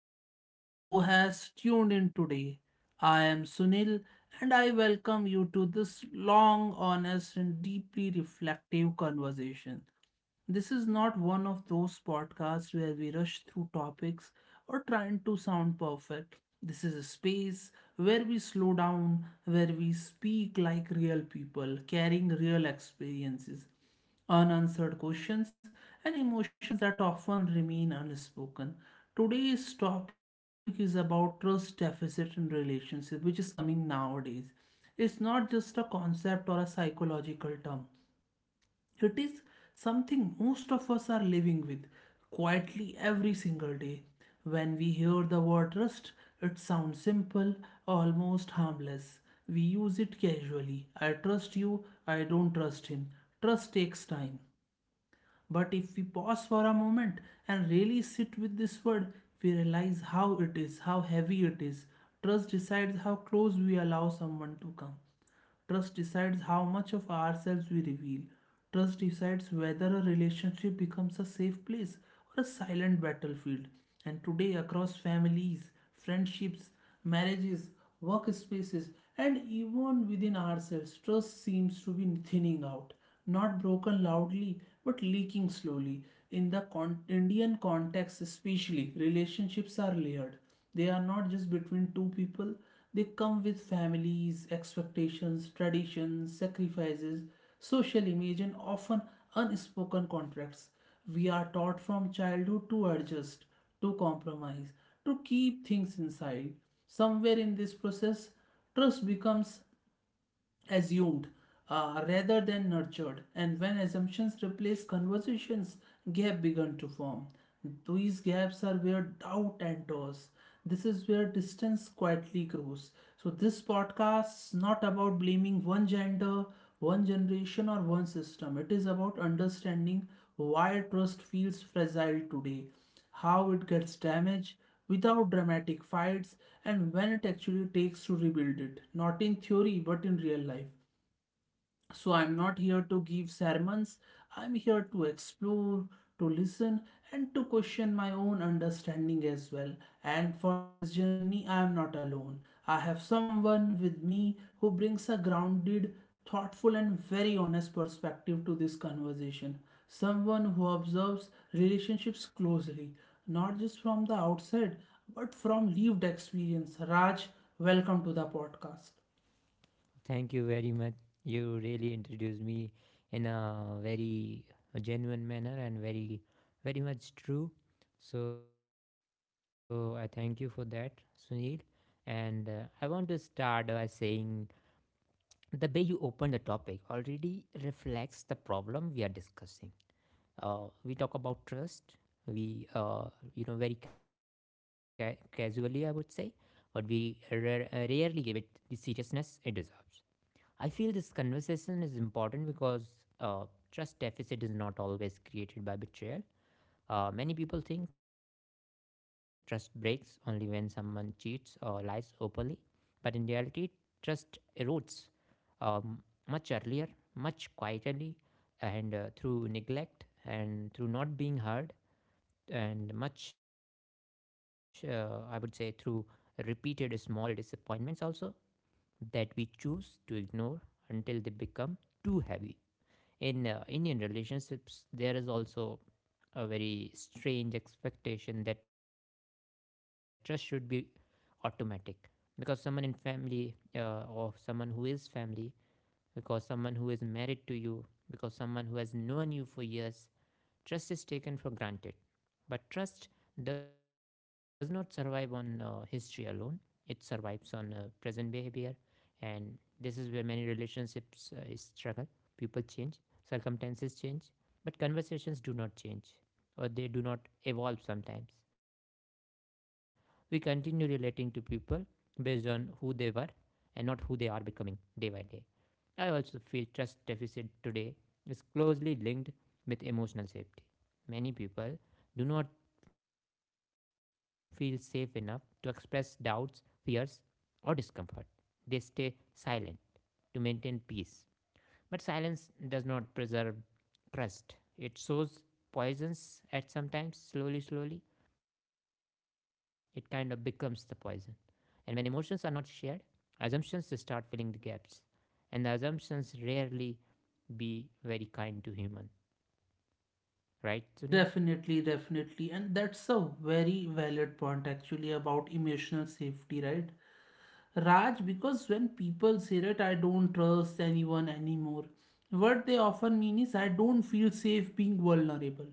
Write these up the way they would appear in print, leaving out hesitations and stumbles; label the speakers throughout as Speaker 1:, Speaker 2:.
Speaker 1: everyone who has tuned in today. I am Sunil and I welcome you to this long, honest, and deeply reflective conversation. This is not one of those podcasts where we rush through topics or trying to sound perfect. This is a space where we slow down, where we speak like real people, carrying real experiences, unanswered questions, and emotions that often remain unspoken. Today's topic is about trust deficit in relationships, which is coming nowadays. It's not just a concept or a psychological term, it is something most of us are living with quietly every single day. When we hear the word rust, it sounds simple, almost harmless. We use it casually. I trust you, I don't trust him. Trust takes time. But if we pause for a moment and really sit with this word, we realize how heavy it is. Trust decides how close we allow someone to come. Trust decides how much of ourselves we reveal. Trust decides whether a relationship becomes a safe place or a silent battlefield. And today, across families, friendships, marriages, workspaces, and even within ourselves, trust seems to be thinning out, not broken loudly but leaking slowly. In the Indian context, especially, relationships are layered. They are not just between two people, they come with families, expectations, traditions, sacrifices, social image, and often unspoken contracts. We are taught from childhood to adjust, to compromise, to keep things inside. Somewhere in this process, trust becomes assumed rather than nurtured, and when assumptions replace conversations, gaps begin to form. These gaps are where doubt enters. This is where distance quietly grows. So this podcast is not about blaming one gender, one generation, or one system. It is about understanding why trust feels fragile today, how it gets damaged without dramatic fights, and when it actually takes to rebuild it, not in theory but in real life. So I'm not here to give sermons. I'm here to explore, to listen, and to question my own understanding as well. And for this journey, I am not alone. I have someone with me who brings a grounded, thoughtful, and very honest perspective to this conversation. Someone who observes relationships closely, not just from the outside, but from lived experience. Raj, welcome to the podcast.
Speaker 2: Thank you very much. You really introduced me in a very genuine manner and very, very much true. So I thank you for that, Sunil. And I want to start by saying the way you opened the topic already reflects the problem we are discussing. We talk about trust. We, you know, very ca- casually, I would say, but we rarely give it the seriousness it deserves. I feel this conversation is important because uh, trust deficit is not always created by betrayal. Many people think trust breaks only when someone cheats or lies openly, but in reality, trust erodes um, much earlier, much quietly, and through neglect and through not being heard, and much, I would say, through repeated small disappointments also that we choose to ignore until they become too heavy. In Indian relationships, there is also a very strange expectation that trust should be automatic because someone in family or someone who is family, because someone who is married to you, because someone who has known you for years, trust is taken for granted. But trust does not survive on history alone, it survives on present behavior. And this is where many relationships struggle. People change, circumstances change, but conversations do not change, or they do not evolve sometimes. We continue relating to people based on who they were and not who they are becoming day by day. I also feel trust deficit today is closely linked with emotional safety. Many people do not feel safe enough to express doubts, fears, or discomfort. They stay silent to maintain peace. But silence does not preserve trust. It sows poisons at sometimes, slowly, slowly. It kind of becomes the poison. And when emotions are not shared, assumptions start filling the gaps. And the assumptions rarely be very kind to human. Right, Sunil?
Speaker 1: Definitely, definitely. And that's a very valid point actually about emotional safety, right, Raj? Because when people say that I don't trust anyone anymore, what they often mean is I don't feel safe being vulnerable.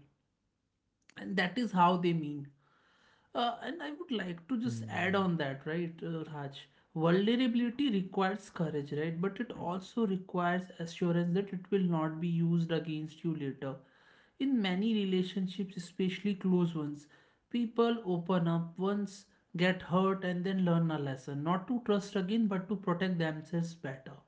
Speaker 1: And that is how they mean. And I would like to just
Speaker 2: Mm,
Speaker 1: add on that, right, Raj? Vulnerability requires courage, right? But it also requires assurance that it will not be used against you later. In many relationships, especially close ones, people open up once, get hurt, and then learn a lesson. Not to trust again, but to protect themselves better.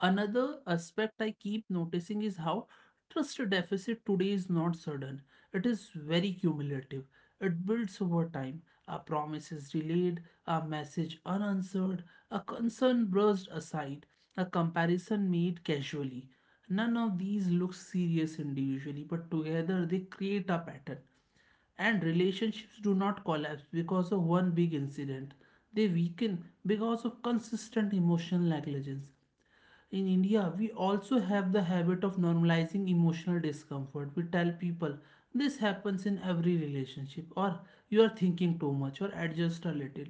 Speaker 1: Another aspect I keep noticing is how trust deficit today is not sudden. It is very cumulative. It builds over time. A promise is delayed, a message unanswered, a concern brushed aside, a comparison made casually. None of these look serious individually, but together they create a pattern. And relationships do not collapse because of one big incident. They weaken because of consistent emotional negligence. In India, we also have the habit of normalizing emotional discomfort. We tell people this happens in every relationship, or you are thinking too much, or adjust a little.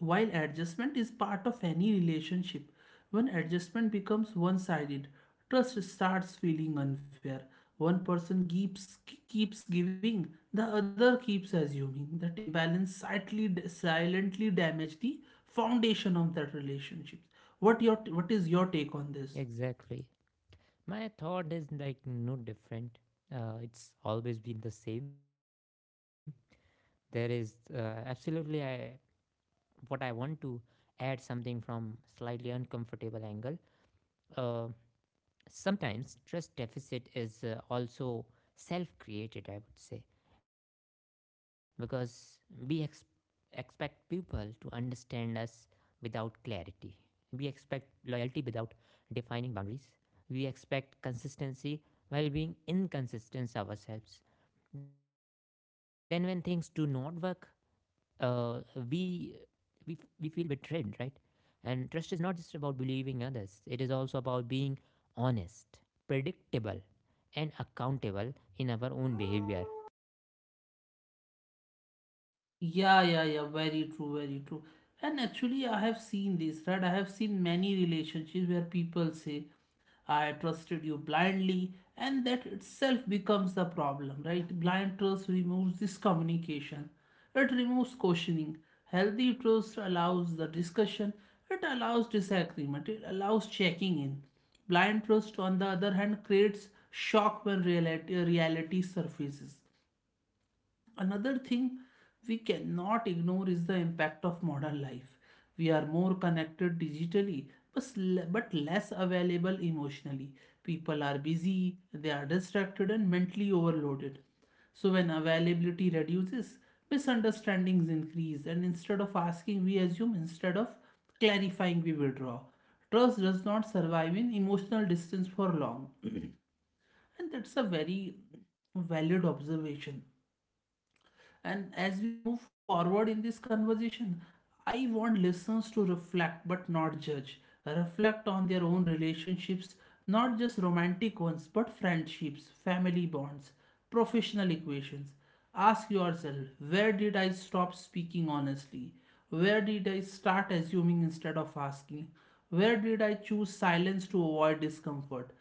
Speaker 1: While adjustment is part of any relationship, when adjustment becomes one sided, trust starts feeling unfair. One person keeps giving, the other keeps assuming. That imbalance silently damages the foundation of that relationship. What is your take on this?
Speaker 2: exactly. My thought is like no different. It's always been the same. There is absolutely, I what I want to add something from slightly uncomfortable angle. Uh, sometimes trust deficit is also self-created, I would say, because we ex- expect people to understand us without clarity. We expect loyalty without defining boundaries. We expect consistency while being inconsistent ourselves. Then, when things do not work, uh, we we feel betrayed, right? And trust is not just about believing others; it is also about being honest, predictable, and accountable in our own behavior.
Speaker 1: Yeah, yeah, yeah, very true, very true. And actually, I have seen this, right? I have seen many relationships where people say, I trusted you blindly, and that itself becomes the problem, right? Blind trust removes this communication, it removes questioning. Healthy trust allows the discussion, it allows disagreement, it allows checking in. Blind trust, on the other hand, creates shock when reality surfaces. Another thing we cannot ignore is the impact of modern life. We are more connected digitally but but less available emotionally. People are busy, they are distracted, and mentally overloaded. So, when availability reduces, misunderstandings increase, and instead of asking, we assume, instead of clarifying, we withdraw. Trust does not survive in emotional distance for long, and that's a very valid observation. And as we move forward in this conversation, I want listeners to reflect but not judge. Reflect on their own relationships, not just romantic ones, but friendships, family bonds, professional equations. Ask yourself, where did I stop speaking honestly? Where did I start assuming instead of asking? Where did I choose silence to avoid discomfort?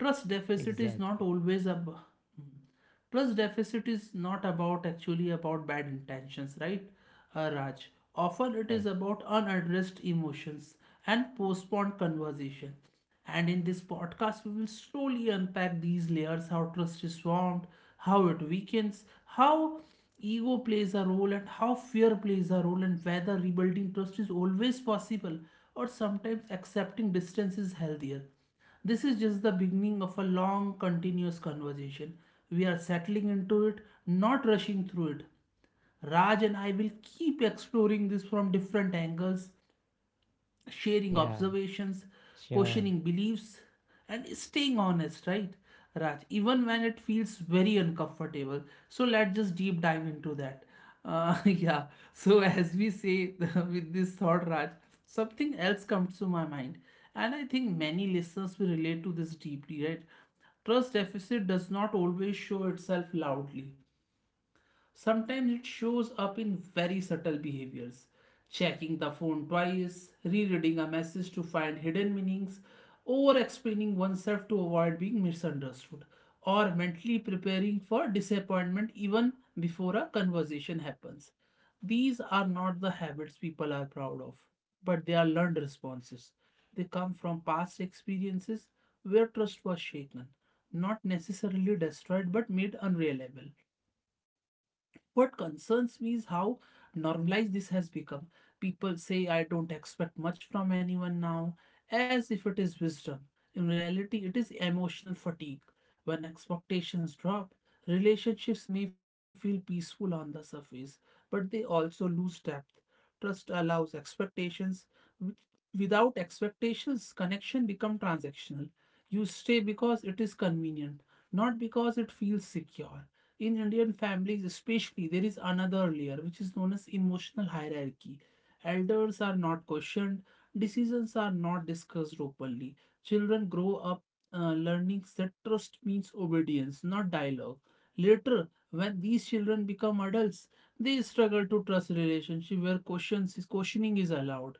Speaker 1: Trust deficit is not
Speaker 2: Exactly.
Speaker 1: always ab- hmm. Trust deficit is not about actually about bad intentions, right, Raj? Often it is
Speaker 2: Right.
Speaker 1: about unaddressed emotions and postponed conversation. And in this podcast we will slowly unpack these layers: how trust is formed, how it weakens, how ego plays a role and how fear plays a role, and whether rebuilding trust is always possible or sometimes accepting distance is healthier. This is just the beginning of a long, continuous conversation. We are settling into it, not rushing through it. Raj and I will keep exploring this from different angles, sharing
Speaker 2: Yeah.
Speaker 1: observations,
Speaker 2: Sure.
Speaker 1: questioning beliefs, and staying honest, right, Raj, even when it feels very uncomfortable. So let's just deep dive into that. Yeah, so as we say with this thought, Raj, something else comes to my mind, and I think many listeners will relate to this deeply, right? Trust deficit does not always show itself loudly. Sometimes it shows up in very subtle behaviors: checking the phone twice, rereading a message to find hidden meanings, over explaining oneself to avoid being misunderstood, or mentally preparing for disappointment even before a conversation happens. These are not the habits people are proud of, but they are learned responses. They come from past experiences where trust was shaken, not necessarily destroyed but made unreliable. What concerns me is how normalized this has become. People say, I don't expect much from anyone now, as if it is wisdom. In reality, it is emotional fatigue. When expectations drop, relationships may feel peaceful on the surface, but they also lose depth. Trust allows expectations. Wi- Without expectations, connection become transactional. You stay because it is convenient, not because it feels secure. In Indian families, especially, there is another layer which is known as emotional hierarchy. Elders are not questioned, decisions are not discussed openly. Children grow up learning that trust means obedience, not dialogue. Later, when these children become adults, they struggle to trust relationship where questions is questioning is allowed.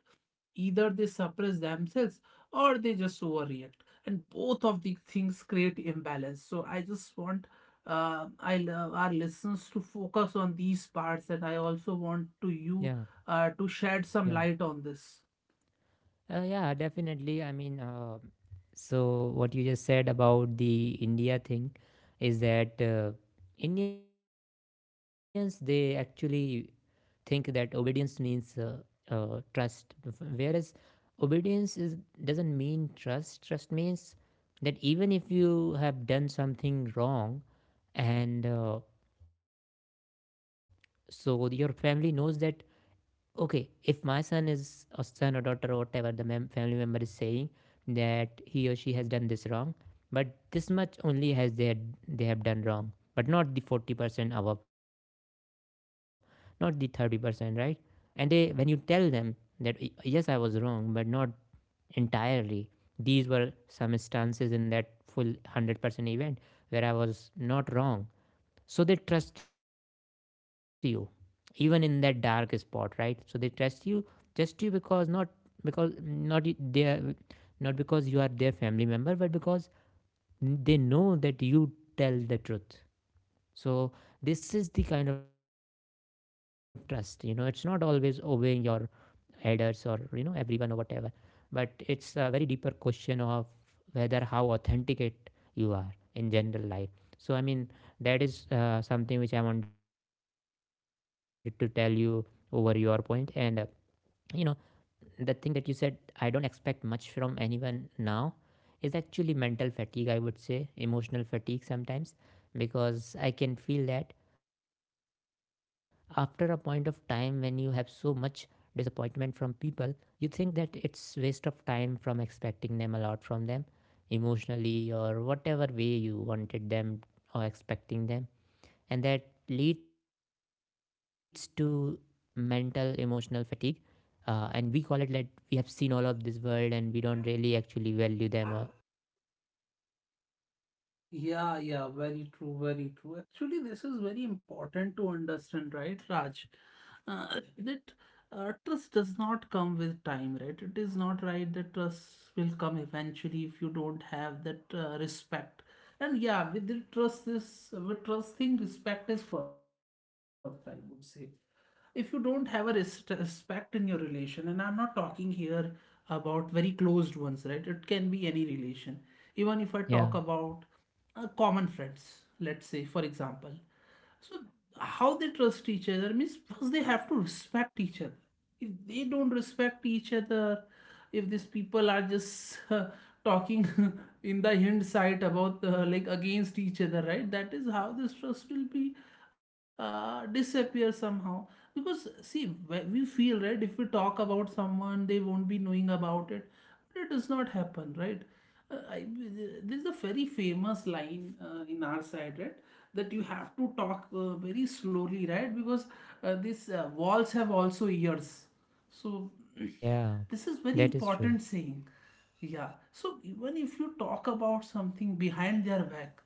Speaker 1: Either they suppress themselves or they just overreact, and both of these things create imbalance. So I just want, I love our listeners to focus on these parts, and I
Speaker 2: Yeah.
Speaker 1: also want to you, to
Speaker 2: Yeah.
Speaker 1: shed some light on this.
Speaker 2: Yeah. Definitely. So what you just said about the India thing is that Indians, they actually think that obedience means trust, whereas obedience is, doesn't mean trust. Trust means that even if you have done something wrong, and so your family knows that, okay, if my son is a son or daughter or whatever family member is saying that he or she has done this wrong, but this much only they have done wrong, but not the 40% above, not the 30%, right? And they, when you tell them that, yes, I was wrong, but not entirely, these were some instances in that full 100% event where I was not wrong," so they trust you even in that dark spot, right? So they trust you, trust you, because because not you- they are not because you are their family member, but because they know that you tell the truth. So this is the kind of trust, you know, it's not always obeying your elders or, you know, everyone or whatever, but it's a very deeper question of whether, how authenticate you are in general life. So I mean, that is something which I wanted to tell you over your point. And you know, the thing that you said, I don't expect much from anyone now, is actually mental fatigue, I would say, emotional fatigue sometimes, because I can feel that after a point of time when you have so much disappointment from people, you think that it's waste of time from expecting them a lot, from them emotionally or whatever way you wanted them or expecting them. And that leads to mental emotional fatigue, and we call it that we have seen all of this world and we don't really actually value them or
Speaker 1: Yeah, yeah, very true, very true. Actually, this is very important to understand, right, Raj? That trust does not come with time, right? It is not right that trust will come eventually if you don't have that respect. And yeah, with the trust, this with trust thing, respect is first, I would say. If you don't have a respect in your relation, and I'm not talking here about very closed ones, right? It can be any relation. Even if I talk
Speaker 2: yeah,
Speaker 1: about common friends, let's say, for example. So how they trust each other means first they have to respect each other. If they don't respect each other, if these people are just talking in the hindsight about, like against each other, right? That is how this trust will be disappear somehow. Because see, we feel, right, if we talk about someone, they won't be knowing about it. But it does not happen, right? Uh, I, there is a very famous line in our side, right? That you have to talk very slowly, right? Because these walls have also ears. So
Speaker 2: yeah,
Speaker 1: this is very
Speaker 2: that is true.
Speaker 1: important saying. Yeah. So even if you talk about something behind their back,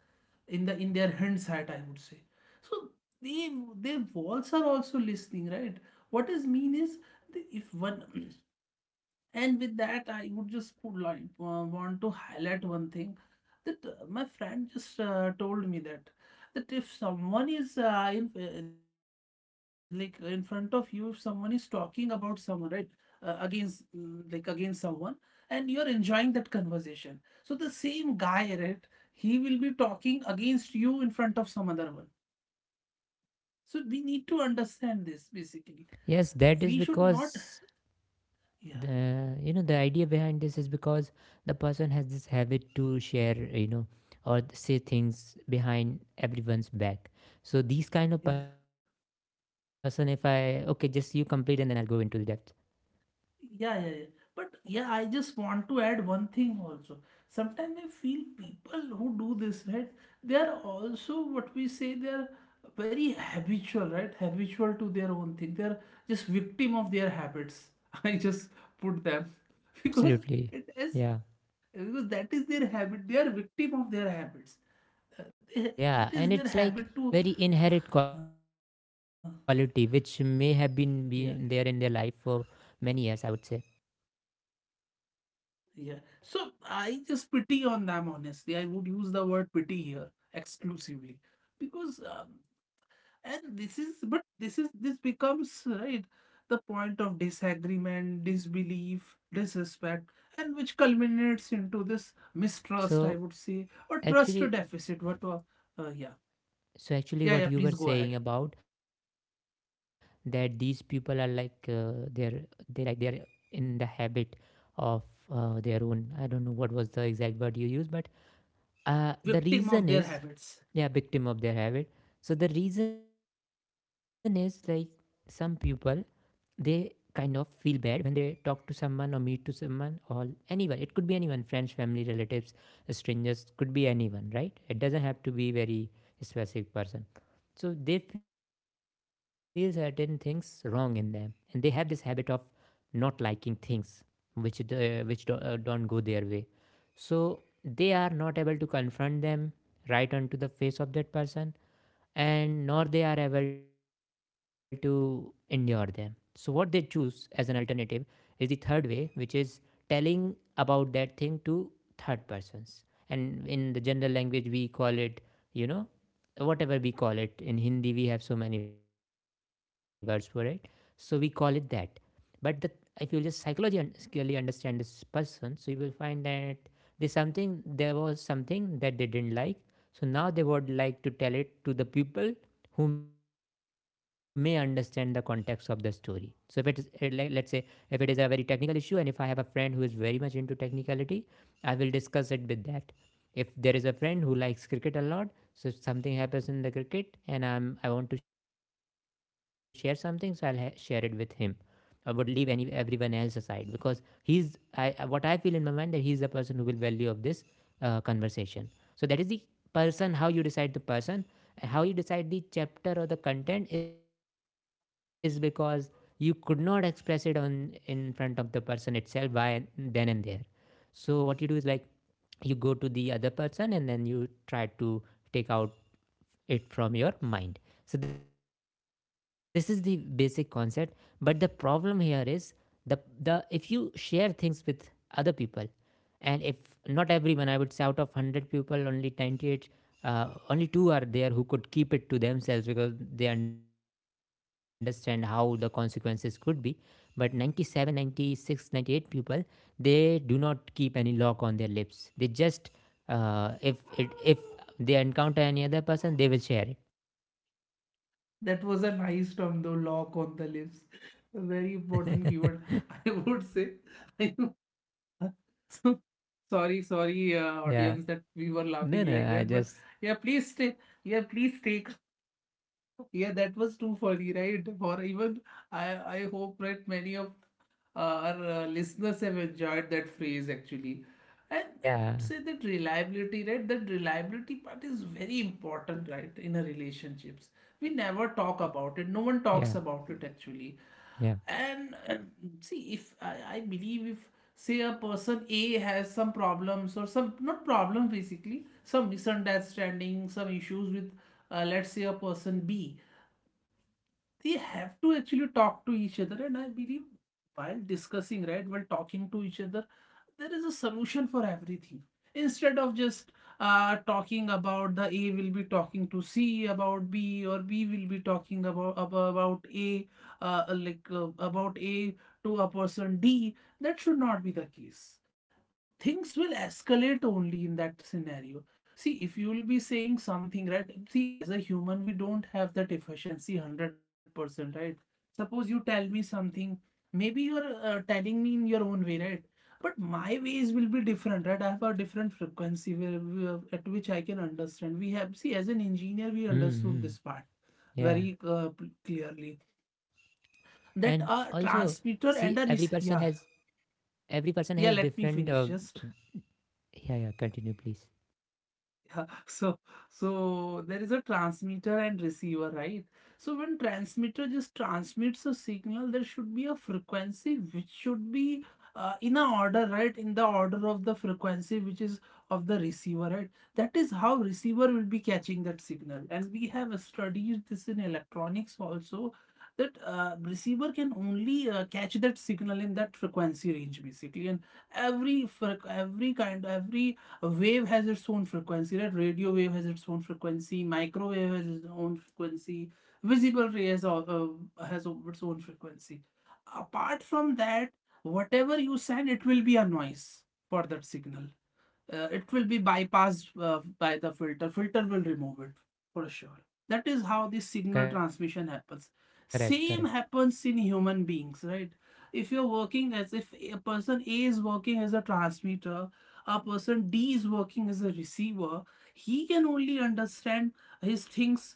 Speaker 1: in their hindsight, I would say. So they, their walls are also listening, right? What is mean is if one and with that, I would just would like, want to highlight one thing that, my friend just told me that, if someone is, in like in front of you, if someone is talking about someone, right, against, like against someone, and you're enjoying that conversation, so the same guy, right, he will be talking against you in front of some other one. So we need to understand this basically.
Speaker 2: Yes, that
Speaker 1: We
Speaker 2: is
Speaker 1: should not,
Speaker 2: because,
Speaker 1: yeah.
Speaker 2: the you know, the idea behind this is because the person has this habit to share, you know, or say things behind everyone's back. So these kind of
Speaker 1: Yeah.
Speaker 2: person, if I, okay, just you complete and then I'll go into the depth.
Speaker 1: Yeah, yeah, yeah. But yeah, I just want to add one thing also. Sometimes I feel people who do this, right? They are also what we say, they are very habitual, right? Habitual to their own thing. They are just victim of their habits. I just put them because
Speaker 2: Absolutely.
Speaker 1: it is
Speaker 2: Yeah.
Speaker 1: because that is their habit. They are victim of their habits. It
Speaker 2: Yeah,
Speaker 1: is
Speaker 2: and
Speaker 1: their
Speaker 2: it's like
Speaker 1: habit to,
Speaker 2: very inherent quality which may have been
Speaker 1: yeah.
Speaker 2: there in their life for many years, I would say.
Speaker 1: Yeah. So I just pity on them, honestly. I would use the word pity here exclusively because, and this is, but this is, this becomes, right, the point of disagreement, disbelief, disrespect, and which culminates into this mistrust, I
Speaker 2: So
Speaker 1: would say, or trust
Speaker 2: actually,
Speaker 1: deficit. What, yeah.
Speaker 2: so actually,
Speaker 1: Yeah,
Speaker 2: what
Speaker 1: yeah,
Speaker 2: you were
Speaker 1: please go
Speaker 2: saying
Speaker 1: ahead.
Speaker 2: about, that these people are like they're they're in the habit of their own. I don't know what was the exact word you used, but the
Speaker 1: Victim
Speaker 2: reason
Speaker 1: of their
Speaker 2: is,
Speaker 1: habits.
Speaker 2: they are victim of their habit. So the reason is like, some people, they kind of feel bad when they talk to someone or meet to someone or anyone, it could be anyone, friends, family, relatives, strangers, could be anyone, right? It doesn't have to be very specific person. So they feel certain things wrong in them, and they have this habit of not liking things which the, which do, don't go their way. So they are not able to confront them right onto the face of that person, and nor they are able to endure them. So what they choose as an alternative is the third way, which is telling about that thing to third persons. And in the general language we call it, you know, whatever we call it. In Hindi we have so many words for it. So we call it that. But the, if you will just psychologically understand this person, so you will find that there's something, there was something that they didn't like. So now they would like to tell it to the people who may understand the context of the story. So if it is let's say if it is a very technical issue and if I have a friend who is very much into technicality, I will discuss it with that. If there is a friend who likes cricket a lot, so if something happens in the cricket and I want to share something, so I'll share it with him. I would leave any everyone else aside because he's, I, what I feel in my mind that he's the person who will value of this conversation. So that is the person, how you decide the person and how you decide the chapter or the content, is because you could not express it on, in front of the person itself by then and there. So what you do is like, you go to the other person and then you try to take out it from your mind. So this is the basic concept. But the problem here is, the the if you share things with other people, and if not everyone, I would say out of 100 people only 98, only two are there who could keep it to themselves because they understand how the consequences could be, but 97, 96, 98 people, they do not keep any lock on their lips. They just, if they encounter any other person, they will share
Speaker 1: That was a nice term though, lock on the lips. A very important
Speaker 2: it.
Speaker 1: keyword, I would say. So, sorry, sorry,
Speaker 2: Yeah.
Speaker 1: audience, that we were
Speaker 2: no
Speaker 1: laughing
Speaker 2: no
Speaker 1: like
Speaker 2: I
Speaker 1: that. But
Speaker 2: just
Speaker 1: yeah, please stay. Yeah, please take. Yeah, that was too funny, right? For even I hope that many of our listeners have enjoyed that phrase actually. And
Speaker 2: Yeah,
Speaker 1: I'd say that reliability, right, that reliability part is very important, right, in a relationships. We never
Speaker 2: yeah,
Speaker 1: talk about it. No one talks about
Speaker 2: yeah.
Speaker 1: it actually. And see, if I believe, if say a person A has some problems or some, not problems basically, some misunderstanding, some issues with let's say a person B, they have to actually talk to each other. And I believe, while discussing, right, while talking to each other, there is a solution for everything, instead of just talking about, the A will be talking to C about B, or B will be talking about about A, like about A, to a person D. That should not be the case. Things will escalate only in that scenario. See, if you will be saying something, right? See, as a human, we don't have that efficiency 100%, right? Suppose you tell me something, maybe you're telling me in your own way, right? But my ways will be different, right? I have a different frequency where at which I can understand. We have, see, as an engineer, we understood
Speaker 2: Mm-hmm.
Speaker 1: this part
Speaker 2: Yeah.
Speaker 1: very clearly,
Speaker 2: And also,
Speaker 1: that
Speaker 2: see,
Speaker 1: a
Speaker 2: every person
Speaker 1: transmitter
Speaker 2: has,
Speaker 1: and a rec-, yeah.
Speaker 2: every person has
Speaker 1: Yeah, let
Speaker 2: different,
Speaker 1: me finish, just.
Speaker 2: yeah, yeah, continue please.
Speaker 1: Yeah, so there is a transmitter and receiver, right? So when transmitter just transmits a signal, there should be a frequency which should be in a order, right? In the order of the frequency, which is of the receiver, right? That is how receiver will be catching that signal. And we have studied this in electronics also, that receiver can only catch that signal in that frequency range basically. And every freq- every kind every a wave has its own frequency, right? Radio wave has its own frequency, microwave has its own frequency, visible ray has, has its own frequency. Apart from that, whatever you send, it will be a noise for that signal. It will be bypassed by the filter. Filter will remove it, for sure. That is how this signal transmission
Speaker 2: Correct,
Speaker 1: happens.
Speaker 2: correct.
Speaker 1: Same happens in human beings, right? If you're working, as if a person A is working as a transmitter, a person D is working as a receiver, he can only understand his things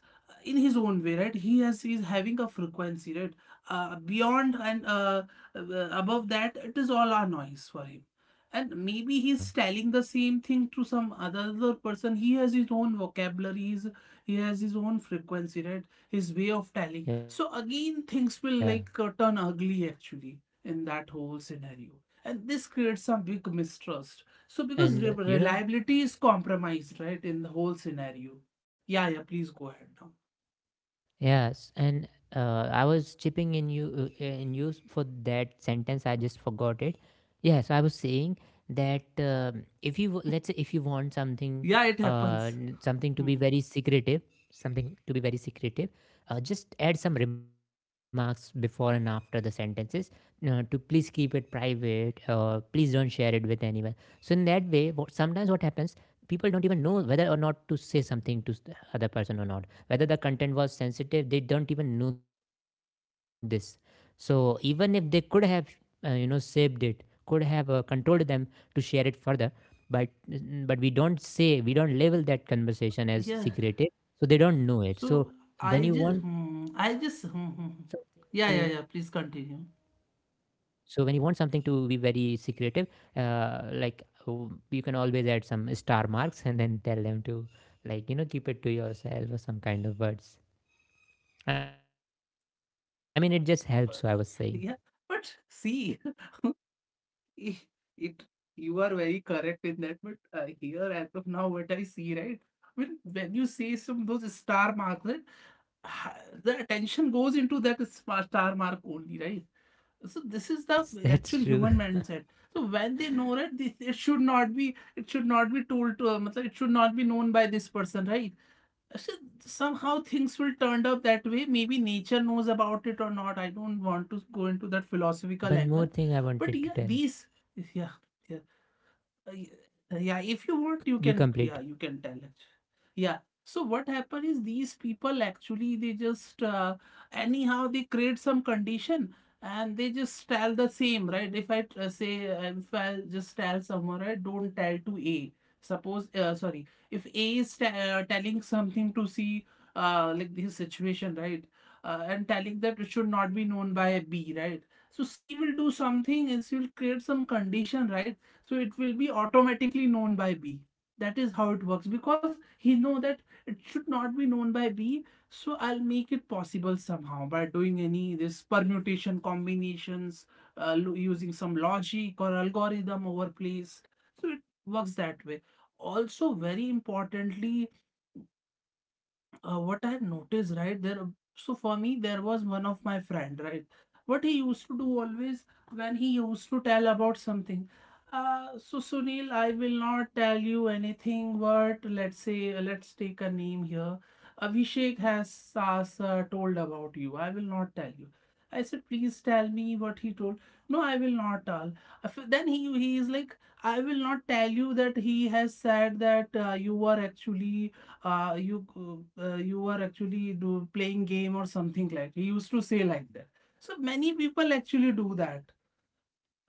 Speaker 1: in his own way, right? He has he is having a frequency, right? Beyond and, above that, it is all our noise for him. And maybe he's telling the
Speaker 2: Yeah,
Speaker 1: same thing to some other person. He has his own vocabulary, he has his own frequency, right? His way of telling. So again things
Speaker 2: yeah.
Speaker 1: will like turn ugly actually, in that whole scenario. And this creates some big mistrust, so
Speaker 2: And
Speaker 1: because
Speaker 2: you know,
Speaker 1: reliability is compromised, right, in the whole scenario. Yeah, yeah, please go ahead now.
Speaker 2: yes, and I was chipping in you for that sentence. I just forgot it. Yeah, so I was saying that, if
Speaker 1: Yeah, it
Speaker 2: let's say if you
Speaker 1: happens.
Speaker 2: want something,
Speaker 1: Hmm.
Speaker 2: something to be very secretive, something to be very secretive, just add some remarks before and after the sentences, to please keep it private or please don't share it with anyone. So in that way, what, sometimes what happens, people don't even know whether or not to say something to the other person or not, whether the content was sensitive, they don't even know this. So even if they could have, you know, saved it, could have, controlled them to share it further, but but we don't say, we don't label that conversation
Speaker 1: Yeah,
Speaker 2: as secretive, so they don't know
Speaker 1: so
Speaker 2: it. So
Speaker 1: i
Speaker 2: when you
Speaker 1: just
Speaker 2: want
Speaker 1: hmm,
Speaker 2: something
Speaker 1: I just
Speaker 2: to,
Speaker 1: hmm, hmm, hmm. Yeah, yeah, yeah, please continue.
Speaker 2: so when you want something to be very secretive, you can always add some star marks and then tell them to, like, you know, keep it to yourself or some kind of words.
Speaker 1: Uh, Yeah,
Speaker 2: I mean,
Speaker 1: but
Speaker 2: it just
Speaker 1: see,
Speaker 2: helps. So I was saying
Speaker 1: it, it- you are very correct in that. But here, as of now, what I see, right? When you say some those star marks, right, the attention goes into that star mark only, right? So this is the actual human mindset.
Speaker 2: that's
Speaker 1: So when
Speaker 2: that's
Speaker 1: they
Speaker 2: true.
Speaker 1: know that this it should not be, it should not be told to, matlab, it should not be known by this person, right? So somehow things will turned up that way. Maybe nature knows about it or not. I don't want to go into that philosophical
Speaker 2: Yeah,
Speaker 1: angle.
Speaker 2: one more thing I
Speaker 1: But yeah,
Speaker 2: wanted to tell
Speaker 1: these, yeah, yeah. Uh, y- yeah, if you
Speaker 2: you.
Speaker 1: want, you
Speaker 2: You
Speaker 1: can, yeah,
Speaker 2: complete.
Speaker 1: you can tell it. Yeah, so what happened is, these people actually, they just anyhow they create some condition, and they just tell the same, right? If I t- say if I just tell someone, right, don't tell to A, suppose, sorry, if A is telling something to C, like this situation, right, and telling that it should not be known by B, right. So C will do something and she will create some condition, right. So it will be automatically known by B. That is how it works, because he know that it should not be known by B. So I'll make it possible somehow by doing any this permutation combinations, using some logic or algorithm over place. So it works that way. Also very importantly, what I have noticed, right there. So for me, there was one of my friend, right. What he used to do always, when he used to tell about something. So Sunil, I will not tell you anything. But let's say, let's take a name here. Abhishek has told about you. I will not tell you. I said, please tell me what he told. No, I will not tell. Then he is like, I will not tell you that he has said that you were actually, you are actually do playing game or something. Like, he used to say like that. So many people actually do that,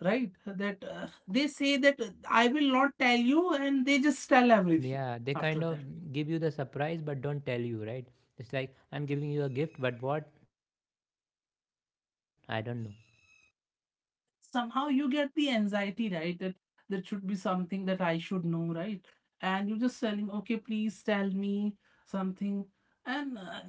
Speaker 1: right? That they say that I will not tell you, and they just tell
Speaker 2: Yeah,
Speaker 1: everything
Speaker 2: they kind
Speaker 1: after that.
Speaker 2: of give you the surprise, but don't tell you, right? It's like I'm giving you a gift, but what? I don't know.
Speaker 1: Somehow you get the anxiety, right? That should be something that I should know, right? And you're just telling, okay, please tell me something. And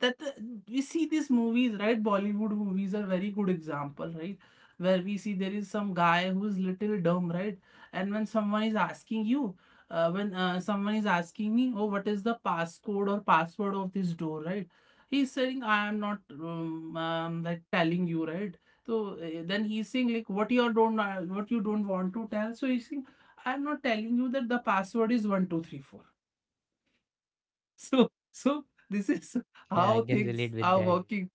Speaker 1: that we see these movies, right? Bollywood movies are very good example, right? Where we see there is some guy who is little dumb, right? And when someone is asking you, when someone is asking me, oh, what is the passcode or password of this door, right? He's saying, I am not like telling you, right? So then he's saying like what you don't, want to tell. So he's saying, I'm not telling you that the password is 1234. So this is
Speaker 2: Yeah, I
Speaker 1: how
Speaker 2: can relate
Speaker 1: things
Speaker 2: with
Speaker 1: are
Speaker 2: that.
Speaker 1: working.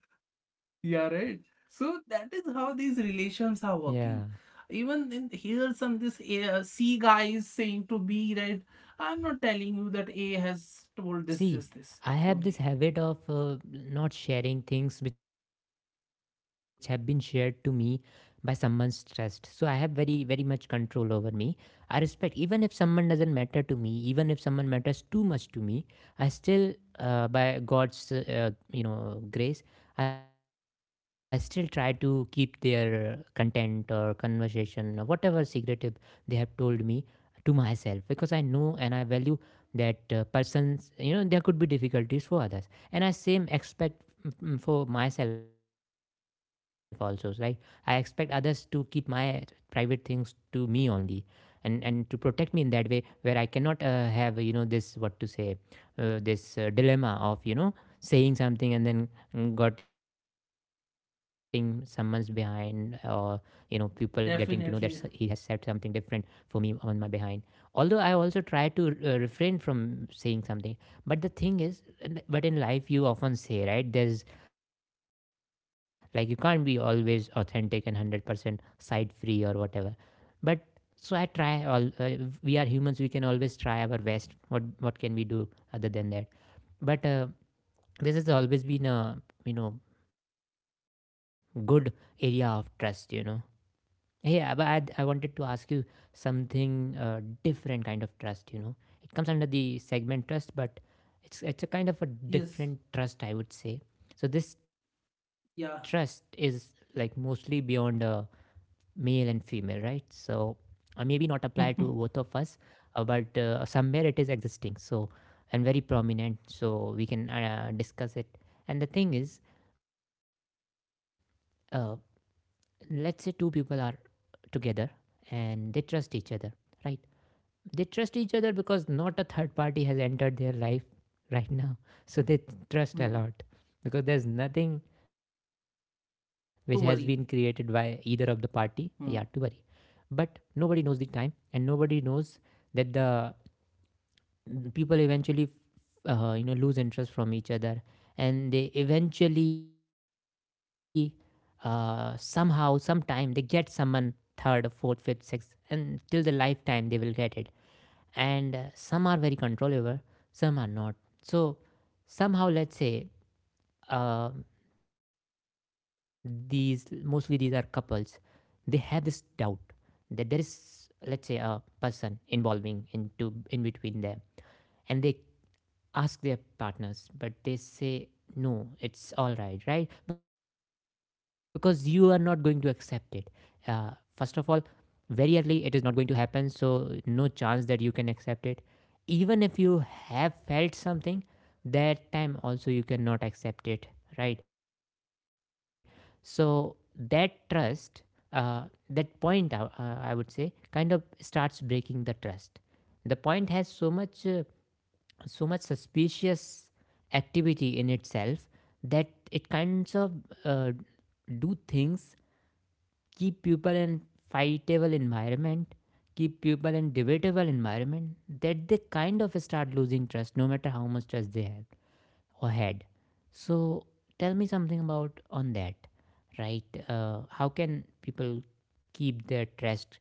Speaker 1: Yeah, right. So that is how these relations are
Speaker 2: Yeah.
Speaker 1: working. Even in here, C guy is saying to B, right? I'm not telling you that A has told this
Speaker 2: See,
Speaker 1: this this
Speaker 2: I
Speaker 1: to
Speaker 2: have this
Speaker 1: me.
Speaker 2: habit of not sharing things which have been shared to me by someone stressed. So I have very, very much control over me. I respect, even if someone doesn't matter to me, even if someone matters too much to me, I still, by God's, you know, grace, I still try to keep their content or conversation or whatever secretive they have told me to myself because I know and I value that persons, you know, there could be difficulties for others, and I same expect for myself also, like I expect others to keep my private things to me only, and to protect me in that way where I cannot have, you know, this, what to say, this dilemma of, you know, saying something and then getting someone's behind, or you know, people getting to know that he has said
Speaker 1: Definitely.
Speaker 2: something different for me on my behind. Although I also try to refrain from saying something, but the thing is, but in life you often say, right, there's like you can't be always authentic and 100% side free or whatever, but so I try all we are humans, we can always try our best. What can we do other than that? But this has always been a, you know, good area of trust, you know. Hey, I wanted to ask you something, different kind of trust. You know, it comes under the segment trust, but it's a kind of a
Speaker 1: Yes.
Speaker 2: different trust, I would say. So this trust is
Speaker 1: Yeah.
Speaker 2: like mostly beyond male and female, right? So maybe not apply to both of
Speaker 1: Hmm.
Speaker 2: us, but somewhere it is existing. So and very prominent. So we can discuss it. And the thing is, uh, let's say two people are together and they trust each other, right? They trust each other because not a third party has entered their life right now. So they trust a lot because there's nothing which has been created
Speaker 1: Don't
Speaker 2: by
Speaker 1: worry.
Speaker 2: either of the party, yeah, to worry.
Speaker 1: Hmm.
Speaker 2: But nobody knows the time, and nobody knows that the people eventually you know, lose interest from each other. And they eventually somehow sometime they get someone third or fourth, fifth, sixth, and till the lifetime they will get it. And some are very controllable, some are not. So somehow, let's say, uh, these, mostly these are couples, they have this doubt that there is, let's say, a person involving into in between them, and they ask their partners, but they say no, it's all right, right? Because you are not going to accept it. Uh, first of all, very early it is not going to happen, so no chance that you can accept it. Even if you have felt something, that time also you cannot accept it, right? So that trust, uh, that point, I would say, kind of starts breaking the trust. The point has so much. So much suspicious activity in itself that it kinds of uh, do things, keep people in fightable environment, keep people in debatable environment, that they kind of start losing trust no matter how much trust they have or had. So tell me something about on that, right? How can people keep their trust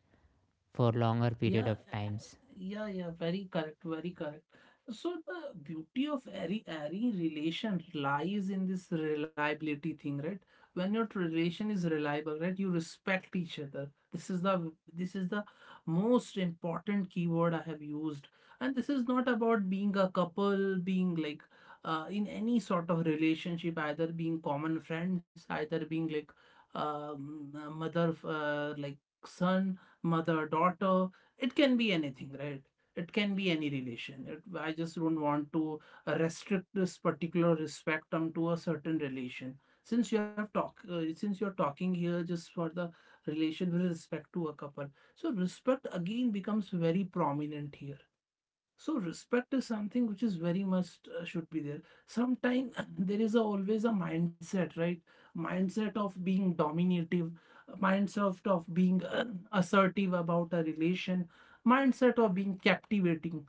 Speaker 2: for longer
Speaker 1: Yeah,
Speaker 2: period of times?
Speaker 1: yeah, yeah, very correct, very correct. So the beauty of any relation lies in this reliability thing, right? When your relation is reliable, right, you respect each other. This is the most important keyword I have used. And this is not about being a couple, being like in any sort of relationship, either being common friends, either being like, mother, like son, mother, daughter. It can be anything, right? It can be any relation. I just don't want to restrict this particular spectrum to a certain relation. Since you have talk uh, since you're talking here just for the relation with respect to a couple, so respect again becomes very prominent here. So respect is something which is very much should be there. Sometimes there is always a mindset, right? Mindset of being dominative, mindset of being assertive about a relation, mindset of being captivating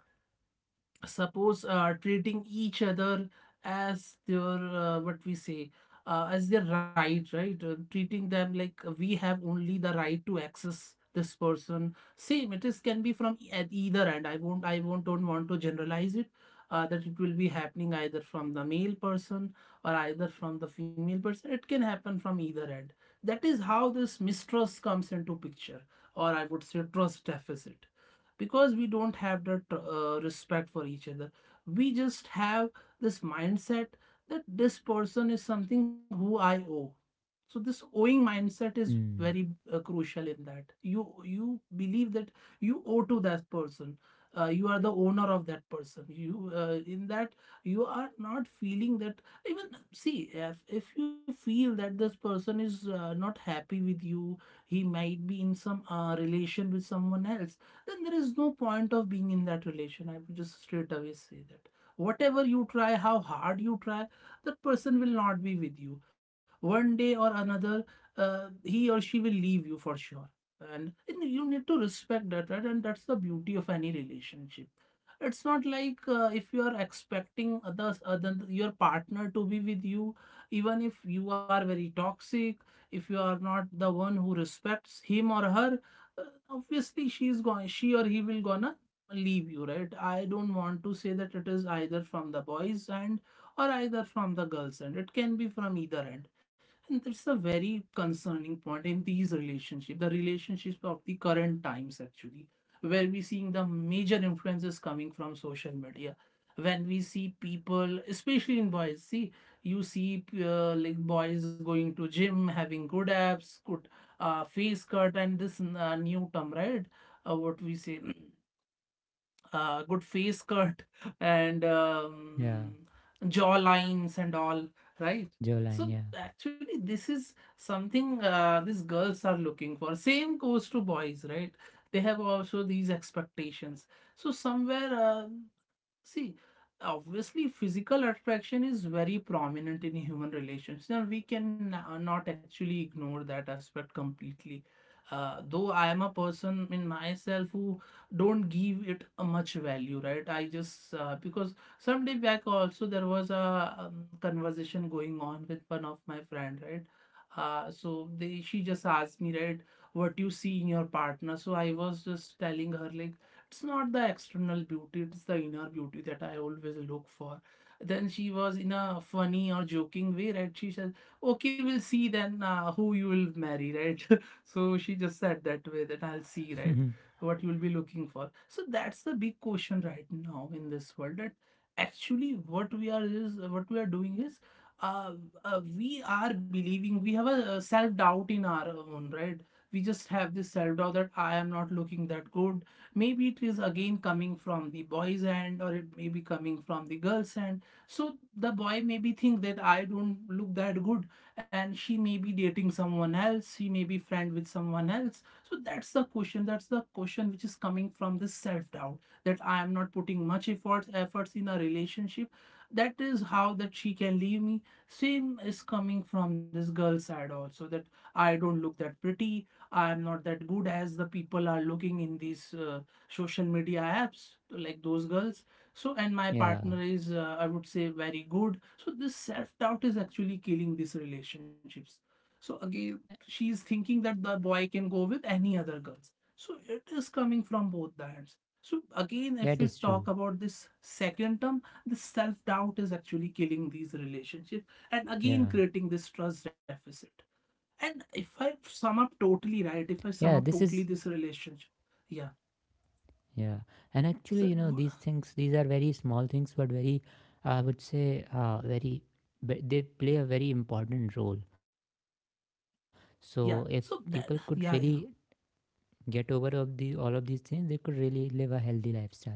Speaker 1: suppose treating each other as their what we say, as their right. Right. Treating them like we have only the right to access this person, same it is can be from at either end. I won't don't want to generalize it, that it will be happening either from the male person or either from the female person, it can happen from either end. That is how this mistrust comes into picture, or I would say trust deficit, because we don't have that respect for each other. We just have this mindset that this person is something who I owe. So this owing mindset is
Speaker 2: Mm.
Speaker 1: very crucial in that you believe that you owe to that person, you are the owner of that person. You in that, you are not feeling that, even, see, if you feel that this person is not happy with you, he might be in some relation with someone else, then there is no point of being in that relation. I would just straight away say that. Whatever you try, how hard you try, that person will not be with you. One day or another, he or she will leave you for sure. And you need to respect that, right? And that's the beauty of any relationship. It's not like, if you are expecting other your partner to be with you, even if you are very toxic, if you are not the one who respects him or her, uh, obviously, she or he will gonna leave you, right? I don't want to say that it is either from the boys end or either from the girls end, it can be from either end. And that's a very concerning point in these relationships, the relationships of the current times, actually, where we seeing the major influences coming from social media. When we see people, especially in boys, see, you see like boys going to gym, having good abs, good face cut, and this new term, right, what we say, good face cut, and
Speaker 2: Yeah.
Speaker 1: jaw lines and all, right?
Speaker 2: Jawline.
Speaker 1: So actually, this is something these girls are looking for. Same goes to boys, right? They have also these expectations. So somewhere. Uh, See, obviously, physical attraction is very prominent in human relations. Now, we can not actually ignore that aspect completely. Though I am a person in myself who don't give it a much value, right? I just because some day back also there was a conversation going on with one of my friend, right? So they she just asked me, right, what you see in your partner. So I was just telling her like it's not the external beauty, it's the inner beauty that I always look for. Then she was in a funny or joking way, right, she said, okay, we'll see then who you will marry, right? So she just said that way, that I'll see,
Speaker 2: Yeah.
Speaker 1: right, what you will be looking for. So that's the big question right now in this world, that actually what we are doing is, uh, we are believing, we have a self doubt in our own, right? We just have this self doubt that I am not looking that good. Maybe it is again coming from the boy's end, or it may be coming from the girl's end. So the boy maybe think that I don't look that good, and she may be dating someone else, she may be friend with someone else. So that's the question, that's the question, which is coming from this self doubt, that I am not putting much efforts in a relationship, that is how that she can leave me. Same is coming from this girl side also, that I don't look that pretty, I am not that good as the people are looking in these social media apps, like those girls. So, and my
Speaker 2: Yeah.
Speaker 1: partner is, I would say, very good. So this self doubt is actually killing these relationships. So
Speaker 2: Yeah,
Speaker 1: again, she is thinking that the boy can go with any other girls, so it is coming from both the ends. So again, if
Speaker 2: that
Speaker 1: we
Speaker 2: is
Speaker 1: talk
Speaker 2: true.
Speaker 1: about this second term, this self doubt is actually killing these relationships, and again
Speaker 2: Yeah.
Speaker 1: creating this trust deficit. And if I
Speaker 2: Yeah, this
Speaker 1: sum
Speaker 2: is
Speaker 1: up totally, right, if I sum up totally this relationship, yeah,
Speaker 2: yeah. And actually, you know,
Speaker 1: so
Speaker 2: these things, these are very small things, but very, I would say, very they play a very important role. So if people could
Speaker 1: yeah, so
Speaker 2: really
Speaker 1: that, yeah, yeah,
Speaker 2: get over of the all of these things, they could really live a healthy lifestyle.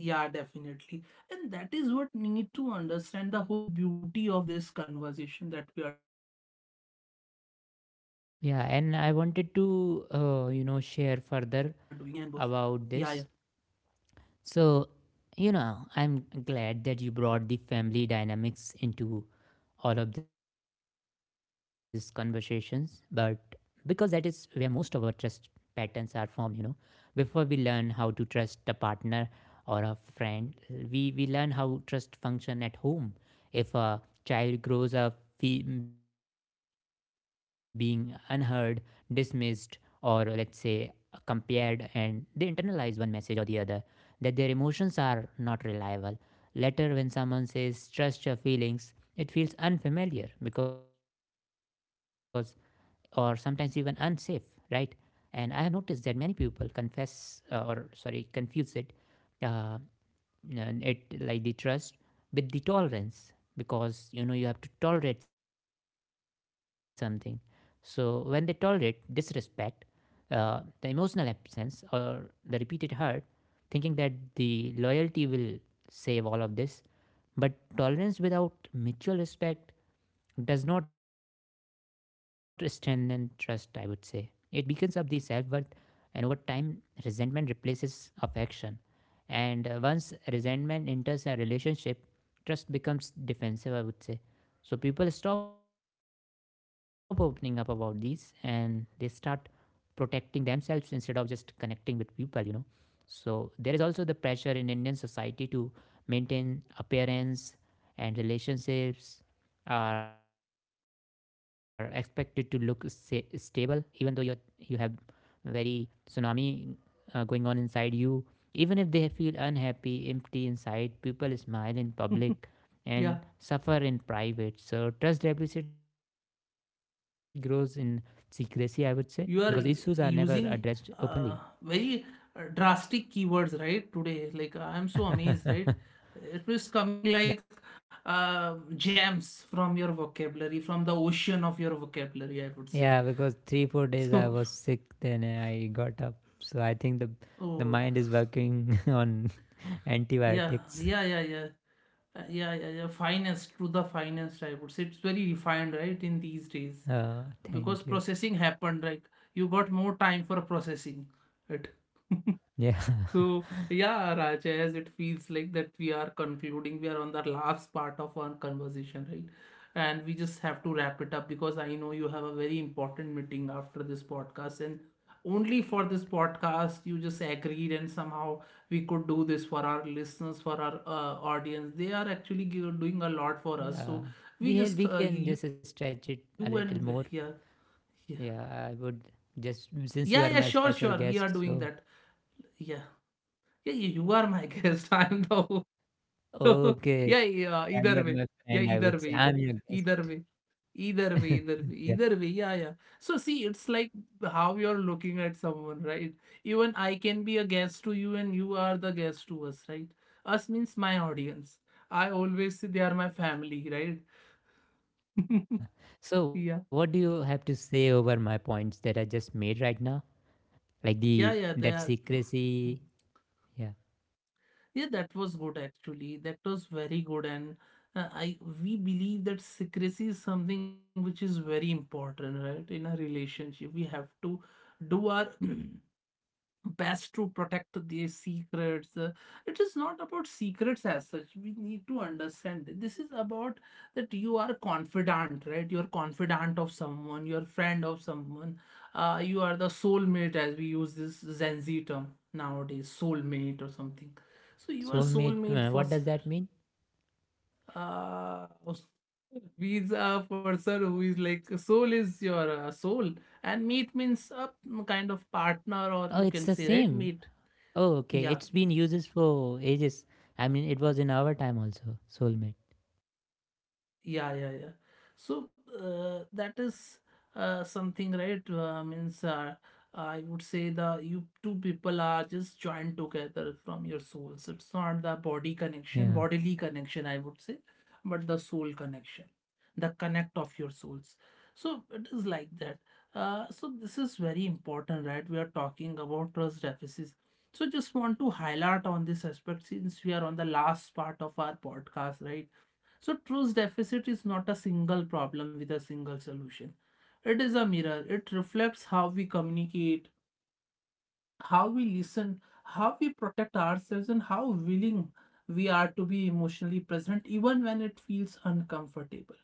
Speaker 1: yeah, definitely. And that is what need to understand, the whole beauty of this conversation that we are doing. And I hope many of our listeners
Speaker 2: Yeah,
Speaker 1: are
Speaker 2: and I
Speaker 1: able to
Speaker 2: wanted
Speaker 1: follow
Speaker 2: to
Speaker 1: me and both.
Speaker 2: you know, share
Speaker 1: Yeah, yeah,
Speaker 2: further about this. So, you know, I'm glad that you brought the family dynamics into all of these conversations, but because that is where most of our trust patterns are formed, you know, before we learn how to trust a partner or a friend, we learn how trust function at home. If a child grows up being unheard, dismissed, or let's say compared, and they internalize one message or the other, that their emotions are not reliable. Later, when someone says, trust your feelings, it feels unfamiliar because, or sometimes even unsafe, right? And I have noticed that many people confuse it, uh, it, like, the trust with the tolerance, because, you know, you have to tolerate something. So when they tolerate disrespect, the emotional absence or the repeated hurt, thinking that the loyalty will save all of this. But tolerance without mutual respect does not strengthen trust, I would say. It beacons up the self worth, and over time, resentment replaces affection. And once resentment enters a relationship, trust becomes defensive, I would say. So people stop opening up about these, and they start protecting themselves instead of just connecting with people, you know. So there is also the pressure in Indian society to maintain appearance, and relationships are expected to look stable, even though you have very tsunami going on inside you. Even if they feel unhappy, empty inside, people smile in public
Speaker 1: yeah.
Speaker 2: and suffer in private. So trust deficit grows in secrecy, I would say, because issues are
Speaker 1: You
Speaker 2: never
Speaker 1: are
Speaker 2: addressed
Speaker 1: using
Speaker 2: openly.
Speaker 1: very drastic keywords, right? Today, like I'm so amazed, right? It was coming like gems from your vocabulary, from the ocean of your vocabulary, I would
Speaker 2: Like,
Speaker 1: say.
Speaker 2: yeah, because three four days I
Speaker 1: So.
Speaker 2: was sick, then I got up. So I think the
Speaker 1: Oh,
Speaker 2: mind is working on
Speaker 1: yeah,
Speaker 2: antibiotics.
Speaker 1: yeah, yeah, yeah. Yeah, yeah, yeah. Finest to the finest, I would say. It's very refined, right, in these days.
Speaker 2: Uh,
Speaker 1: Because
Speaker 2: thank you.
Speaker 1: processing happened, right? You got more time for processing it.
Speaker 2: Yeah,
Speaker 1: So yeah, Raj, as it feels like that we are concluding, we are on the last part of our conversation, right? And we just have to wrap it up, because I know you have a very important meeting after this podcast, and only for this podcast you just agreed, and somehow we could do this for our listeners, for our audience. They are actually doing a lot for us,
Speaker 2: yeah.
Speaker 1: so we
Speaker 2: We had,
Speaker 1: just
Speaker 2: we can just
Speaker 1: you and
Speaker 2: stretch it
Speaker 1: yeah,
Speaker 2: a little more.
Speaker 1: yeah,
Speaker 2: Yeah, I would
Speaker 1: yeah,
Speaker 2: just
Speaker 1: yeah, sure,
Speaker 2: since you
Speaker 1: sure,
Speaker 2: are my
Speaker 1: we are
Speaker 2: special
Speaker 1: doing that.
Speaker 2: guest. So
Speaker 1: Yeah. Yeah, you are my guest. I'm the so, yeah,
Speaker 2: okay,
Speaker 1: yeah, either way.
Speaker 2: yeah, you are
Speaker 1: Yeah,
Speaker 2: my friend. I would say I'm your
Speaker 1: either way,
Speaker 2: guest.
Speaker 1: either way, either way,
Speaker 2: Yeah.
Speaker 1: either way. Yeah, yeah. So see, it's like how you're looking at someone, right? Even I can be a guest to you, and you are the guest to us, right? Us means my audience. I always say they are my family, right?
Speaker 2: Yeah.
Speaker 1: Yeah,
Speaker 2: So what do you have to say over my points that I just made right now? Like
Speaker 1: yeah,
Speaker 2: the
Speaker 1: yeah, they
Speaker 2: that
Speaker 1: are.
Speaker 2: secrecy, yeah.
Speaker 1: Yeah, that was good actually. That was very good, and I we believe that secrecy is something which is very important, right? In a relationship, we have to do our best to protect their secrets. It is not about secrets as such. We need to understand that this is about that you are confidant, right? You are confidant of someone, you are friend of someone, you are the soulmate, as we use this Gen Z term nowadays, soulmate or something. So you are
Speaker 2: Soulmate,
Speaker 1: soulmate for
Speaker 2: what does that mean?
Speaker 1: uh, means a person who is like soul is your soul, and mate means a kind of partner, or
Speaker 2: Oh,
Speaker 1: you
Speaker 2: it's the
Speaker 1: can say, right,
Speaker 2: same.
Speaker 1: mate.
Speaker 2: Oh, okay. It's
Speaker 1: Yeah,
Speaker 2: been uses for ages. I mean, it was in our time also. Soulmate.
Speaker 1: yeah, yeah, yeah. So that is something, right? Means I would say the you two people are just joined together from your souls. It's not the body connection,
Speaker 2: Yeah.
Speaker 1: bodily connection, I would say, but the soul connection, the connect of your souls. So it is like that. So this is very important, right? We are talking about trust deficits. So just want to highlight on this aspect, since we are on the last part of our podcast, right? So, trust deficit is not a single problem with a single solution. It is a mirror. It reflects how we communicate, how we listen, how we protect ourselves, and how willing we are to be emotionally present, even when it feels uncomfortable.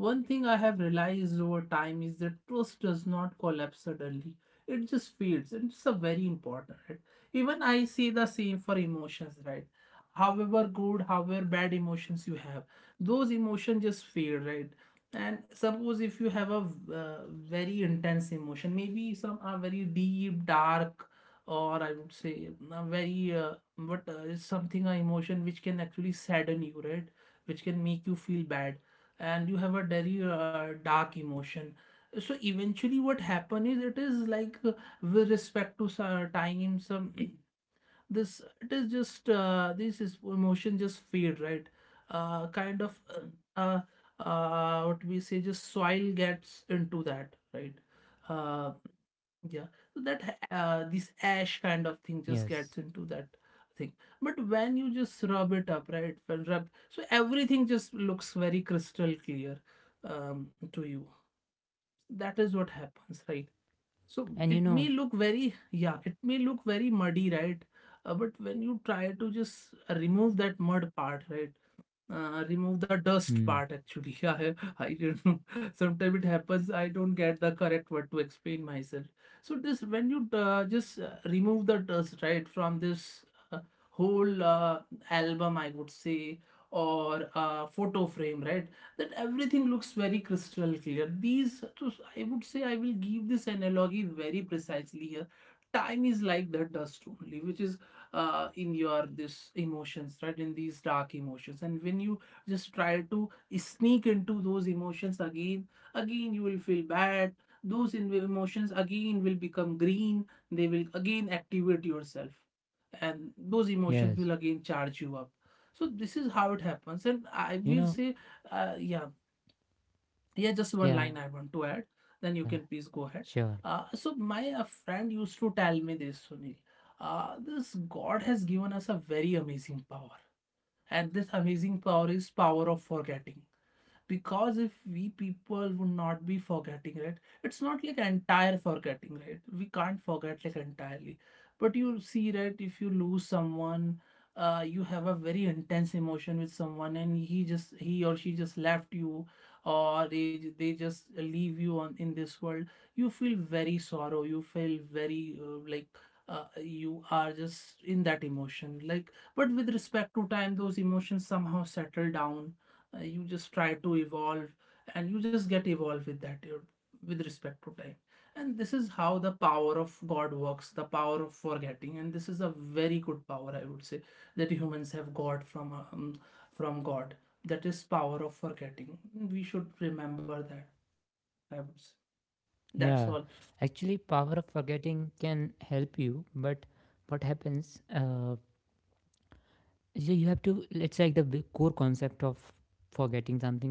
Speaker 1: One thing I have realized over time is that trust does not collapse suddenly. It just fades, and it's a very important. Right? Even I see the same for emotions, right? However good, however bad emotions you have, those emotions just fade, right? And suppose if you have a very intense emotion, maybe some are very deep, dark, or I would say a very but it's something, an emotion which can actually sadden you, right? Which can make you feel bad, and you have a very dark emotion. So eventually what happen is, it is like with respect to some time, some this it is just this is emotion just fade, right? Kind of, uh, what we say, just soil gets into that, right? uh, yeah, so that this ash kind of thing just gets
Speaker 2: Yes.
Speaker 1: into that thing. But when you just rub it up, right? When rub, so everything just looks very crystal clear to you. That is what
Speaker 2: Hmm.
Speaker 1: happens,
Speaker 2: That's
Speaker 1: right?
Speaker 2: true.
Speaker 1: So it
Speaker 2: And you
Speaker 1: may look
Speaker 2: know.
Speaker 1: very, yeah, it may look very muddy, right? But when you try to just remove that mud part, right? Remove the dust part
Speaker 2: Hmm.
Speaker 1: actually. I don't know. Sometimes it happens. I don't get the correct word to explain myself. So this when you just remove the dust, right, from this uh, whole album, I would say, or photo frame, right? That everything looks very crystal clear. These, so I would say, I will give this analogy very precisely here. Time is like the dust only, which is in your this emotions, right, in these dark emotions, and when you just try to sneak into those emotions again you will feel bad. Those emotions again will become green, they will again activate yourself, and those emotions will again
Speaker 2: Yes.
Speaker 1: charge you up. So this is how it happens, and I will
Speaker 2: You
Speaker 1: say,
Speaker 2: know.
Speaker 1: yeah. Yeah, just one line I
Speaker 2: Yeah.
Speaker 1: want to add, then you
Speaker 2: Sure.
Speaker 1: can please go ahead. So my friend used to tell me this, Sunil. This God has given us a very amazing power, and this amazing power is power of forgetting. Because if we people would not be forgetting, right, it's not like entire forgetting, right, we can't forget like entirely. But you see, right, if you lose someone, you have a very intense emotion with someone, and he or she just left you, or they just leave you on in this world. You feel very sorrow, you feel very like, you are just in that emotion, like. But with respect to time, those emotions somehow settle down. You just try to evolve, and you just get evolved with that, you, with respect to time. And this is how the power of God works, the power of forgetting. And this is a very good power, I would say, that humans have got from God. That is power of forgetting, we should remember that, I would say.
Speaker 2: Yeah. Actually,
Speaker 1: That's
Speaker 2: power
Speaker 1: all.
Speaker 2: of forgetting can help you, but what happens, so you have to, it's like the core concept of forgetting something is like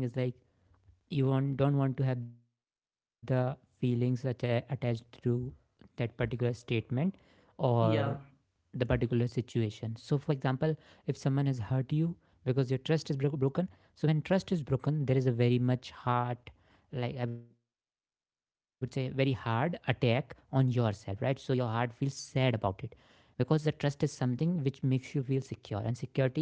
Speaker 2: you want, don't want to have the feelings attached to that particular statement or the
Speaker 1: Yeah,
Speaker 2: particular situation. So, for example, if someone has hurt you because your trust is broken, so when trust is broken, there is a very much hard, like I would say, very hard attack on yourself, right? So, your heart feels sad about it because the trust is something which makes you feel secure, and security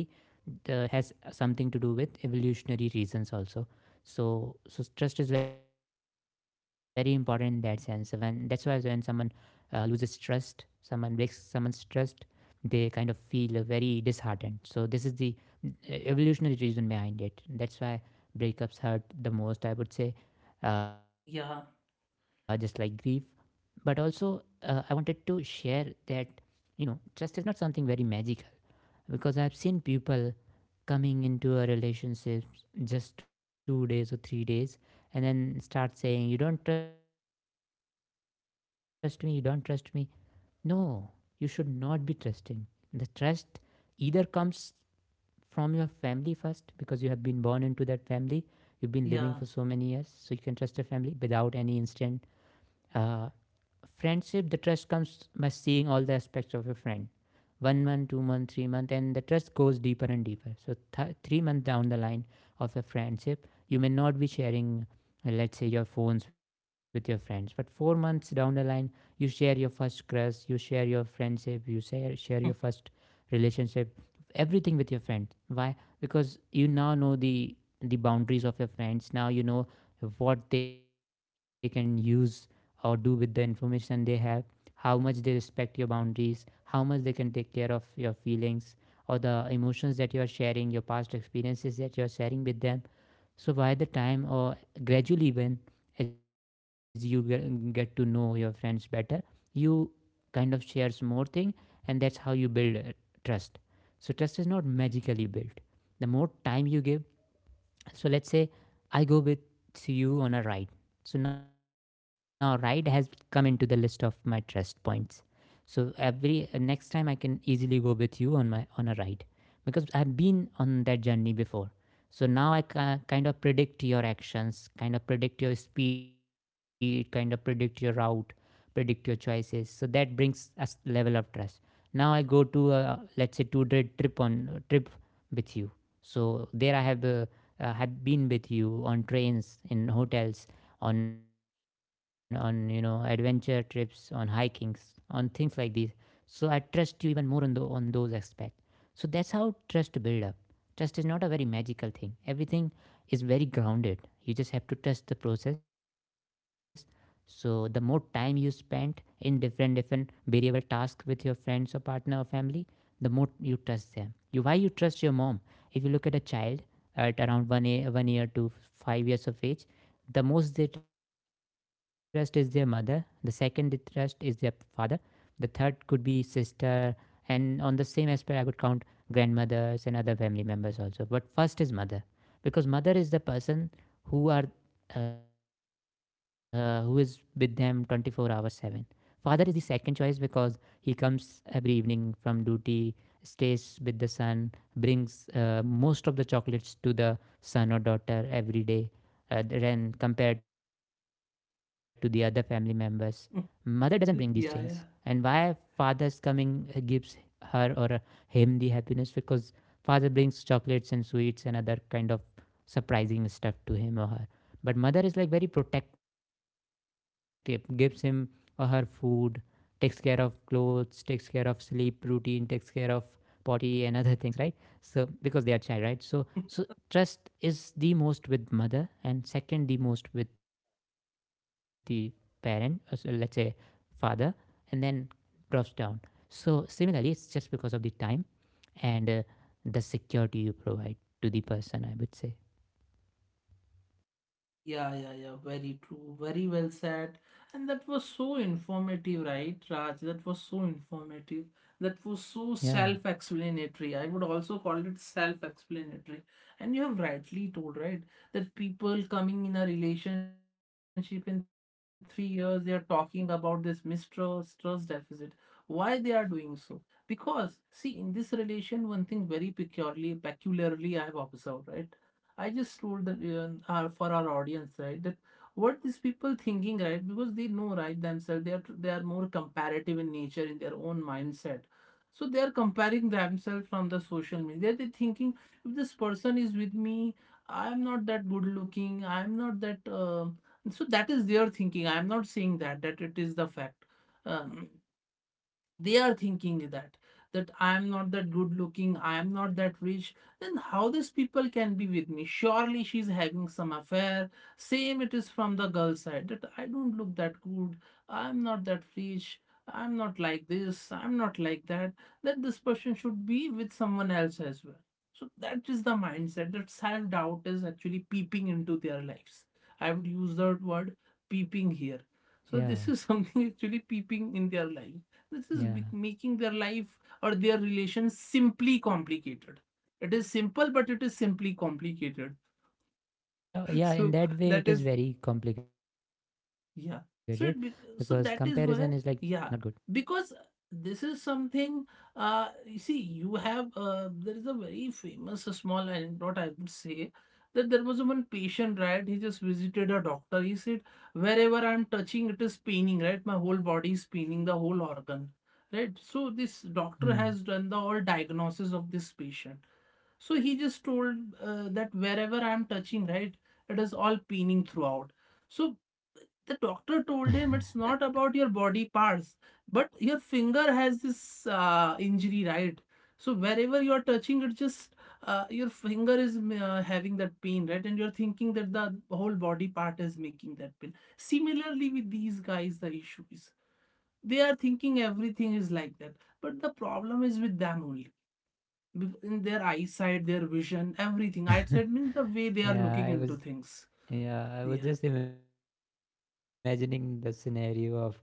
Speaker 2: has something to do with evolutionary reasons also. So so trust is very important in that sense. So when that's why when someone loses trust, someone breaks someone's trust, they kind of feel very disheartened. So this is the evolutionary reason behind it. That's why breakups hurt the most, I would say,
Speaker 1: yeah,
Speaker 2: just like grief. But also I wanted to share that, you know, trust is not something very magical, because I've seen people coming into a relationship just 2 days or 3 days and then start saying, you don't trust me, you don't trust me. No, you should not be trusting. The trust either comes from your family first, because you have been born into that family, you've been living for so many years, so you can
Speaker 1: yeah.
Speaker 2: trust your family without any instant. Uh, friendship, the trust comes by seeing all the aspects of your friend 1 month, 2 month, 3 month, and the trust goes deeper and deeper. So 3 months down the line of a friendship, you may not be sharing, let's say, your phones with your friends, but 4 months down the line, you share your first crush, you share your friendship, you share your first relationship, everything with your friend. Why? Because you now know the boundaries of your friends. Now you know what they can use or do with the information they have, how much they respect your boundaries, how much they can take care of your feelings or the emotions that you are sharing, your past experiences that you are sharing with them. So, by the time, or gradually, when, as you get to know your friends better, you kind of shares more thing, and that's how you build trust. So, trust is not magically built. The more time you give, so let's say I go with you on a ride. So now ride has come into the list of my trust points. So every next time I can easily go with you on my on a ride because I've been on that journey before. So now I kind of predict your actions, kind of predict your speed, kind of predict your route, predict your choices. So that brings a level of trust. Now I go to a, let's say, 2 day trip on trip with you. So there I have been with you on trains, in hotels, on you know adventure trips, on hikings, on things like these. So I trust you even more on the, on those aspects. So that's how trust build up. Trust is not a very magical thing. Everything is very grounded. You just have to trust the process. So the more time you spend in different different variable tasks with your friends or partner or family, the more you trust them. You, why you trust your mom? If you look at a child at around one, a, 1 year to 5 years of age, the most they trust is their mother, the second they trust is their father, the third could be sister. And on the same aspect, I would count grandmothers and other family members also, but first is mother, because mother is the person who are who is with them 24 hours 7. Father is the second choice because he comes every evening from duty, stays with the sun, brings most of the chocolates to the son or daughter every day, then compared to the other family members. Mother doesn't bring these
Speaker 1: Yeah,
Speaker 2: things.
Speaker 1: yeah.
Speaker 2: And why father's coming gives her or him the happiness? Because father brings chocolates and sweets and other kind of surprising stuff to him or her. But mother is like very protective, gives him or her food, takes care of clothes, takes care of sleep routine, takes care of potty and other things, right? So because they are child, right? So so trust is the most with mother, and second the most with the parent, so let's say father, and then drops down. So similarly, it's just because of the time, and the security you provide to the person, I would say.
Speaker 1: Yeah, yeah, yeah. Very true. Very well said. And that was so informative, right, Raj? That was so informative. That was so
Speaker 2: Yeah,
Speaker 1: self-explanatory. I would also call it self-explanatory. And you have rightly told, right, that people coming in a relationship in 3 years, they are talking about this mistrust, trust deficit. Why they are doing so? Because, see, in this relation, one thing very peculiarly I have observed, right? I just told that, for our audience, right, that what these people thinking, right, because they know, right, themselves, they are more comparative in nature in their own mindset. So they are comparing themselves from the social media. They're thinking, if this person is with me, I'm not that good looking. I'm not that. So that is their thinking. I'm not saying that it is the fact. Um
Speaker 2: yeah.
Speaker 1: they are thinking that I am not that good looking, I am not that rich. Then how these people can be with me? Surely she's having some affair. Same it is from the girl side, that I don't look that good, I'm not that rich, I'm not like this, I'm not like that, that this person should be with someone else as well. So that is the mindset, that self doubt is actually peeping into their lives. I would use that
Speaker 2: Of
Speaker 1: word,
Speaker 2: course.
Speaker 1: peeping
Speaker 2: That,
Speaker 1: here. So
Speaker 2: yeah,
Speaker 1: this is something actually peeping in their life. This is
Speaker 2: yeah.
Speaker 1: making their life or their relations simply complicated. It is simple, but it is simply complicated.
Speaker 2: Yeah, in
Speaker 1: So
Speaker 2: that way
Speaker 1: that
Speaker 2: it is
Speaker 1: is,
Speaker 2: very complicated, because
Speaker 1: yeah.
Speaker 2: comparison
Speaker 1: So
Speaker 2: is
Speaker 1: it
Speaker 2: like
Speaker 1: bec- so
Speaker 2: not
Speaker 1: that
Speaker 2: good.
Speaker 1: is where, yeah, because this is something. You see, you have, there is a very famous, a small anecdote I would say, that there was one patient, right, he just visited a doctor. He said, wherever I'm touching, it is paining, right, my whole body is paining, the whole organ, right. So this doctor has done the
Speaker 2: Hmm.
Speaker 1: all diagnosis of this patient. So he just told, that wherever I'm touching, right, it is all peening throughout. So the doctor told him, it's not about your body parts, but your finger has this injury, right? So wherever you are touching, it just, your finger is having that pain, right? And you're thinking that the whole body part is making that pain. Similarly, with these guys, the issue is they are thinking everything is like that, but the problem is with them only. In their eyesight, their vision, everything. Eyesight means the way they are looking into things.
Speaker 2: Yeah, I was
Speaker 1: Yeah.
Speaker 2: yeah, I was just imagining the scenario of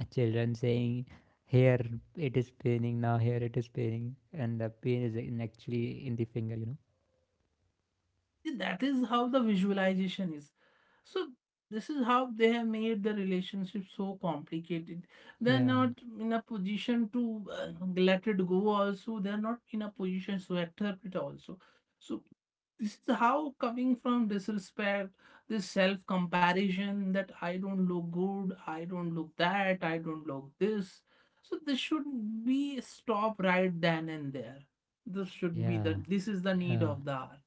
Speaker 2: children saying, "Here it is paining now, here it is paining," and the pain is in actually in the finger, you know.
Speaker 1: That is how the visualization is. So this is how they have made the relationship so complicated. They're not in a
Speaker 2: Yeah,
Speaker 1: position to let it go also. They're not in a position to accept it also. So this is how coming from disrespect, this self-comparison, that I don't look good, I don't look that, I don't look this. So this should be stop right then and there.
Speaker 2: yeah,
Speaker 1: This is the need
Speaker 2: yeah,
Speaker 1: of the hour.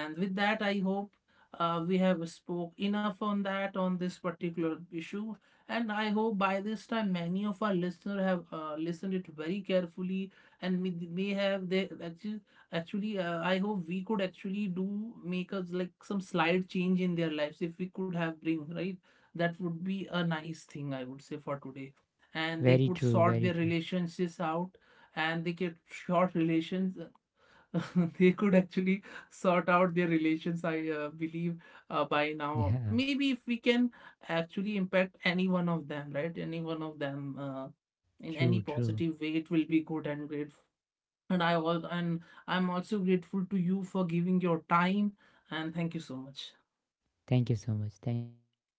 Speaker 1: And with that, I hope we have spoke enough on that, on this particular issue, and I hope by this time many of our listeners have listened it very carefully, and may have they actually I hope we could actually do make us like some slight change in their lives if we could have bring, right? That would be
Speaker 2: yeah.
Speaker 1: a nice thing, I would say, for today, and they
Speaker 2: Very
Speaker 1: could
Speaker 2: true,
Speaker 1: sort
Speaker 2: very
Speaker 1: their
Speaker 2: true.
Speaker 1: relationships out, and they get short relations. They could actually sort out their relations, I believe. By now,
Speaker 2: Yeah,
Speaker 1: maybe if we can actually impact any one of them, right, any one of them, in any
Speaker 2: true, true.
Speaker 1: positive way, it will be good and grateful. And I all and I'm also grateful to you for giving your time, and thank you so much.
Speaker 2: Thank you so much. Thank you so much.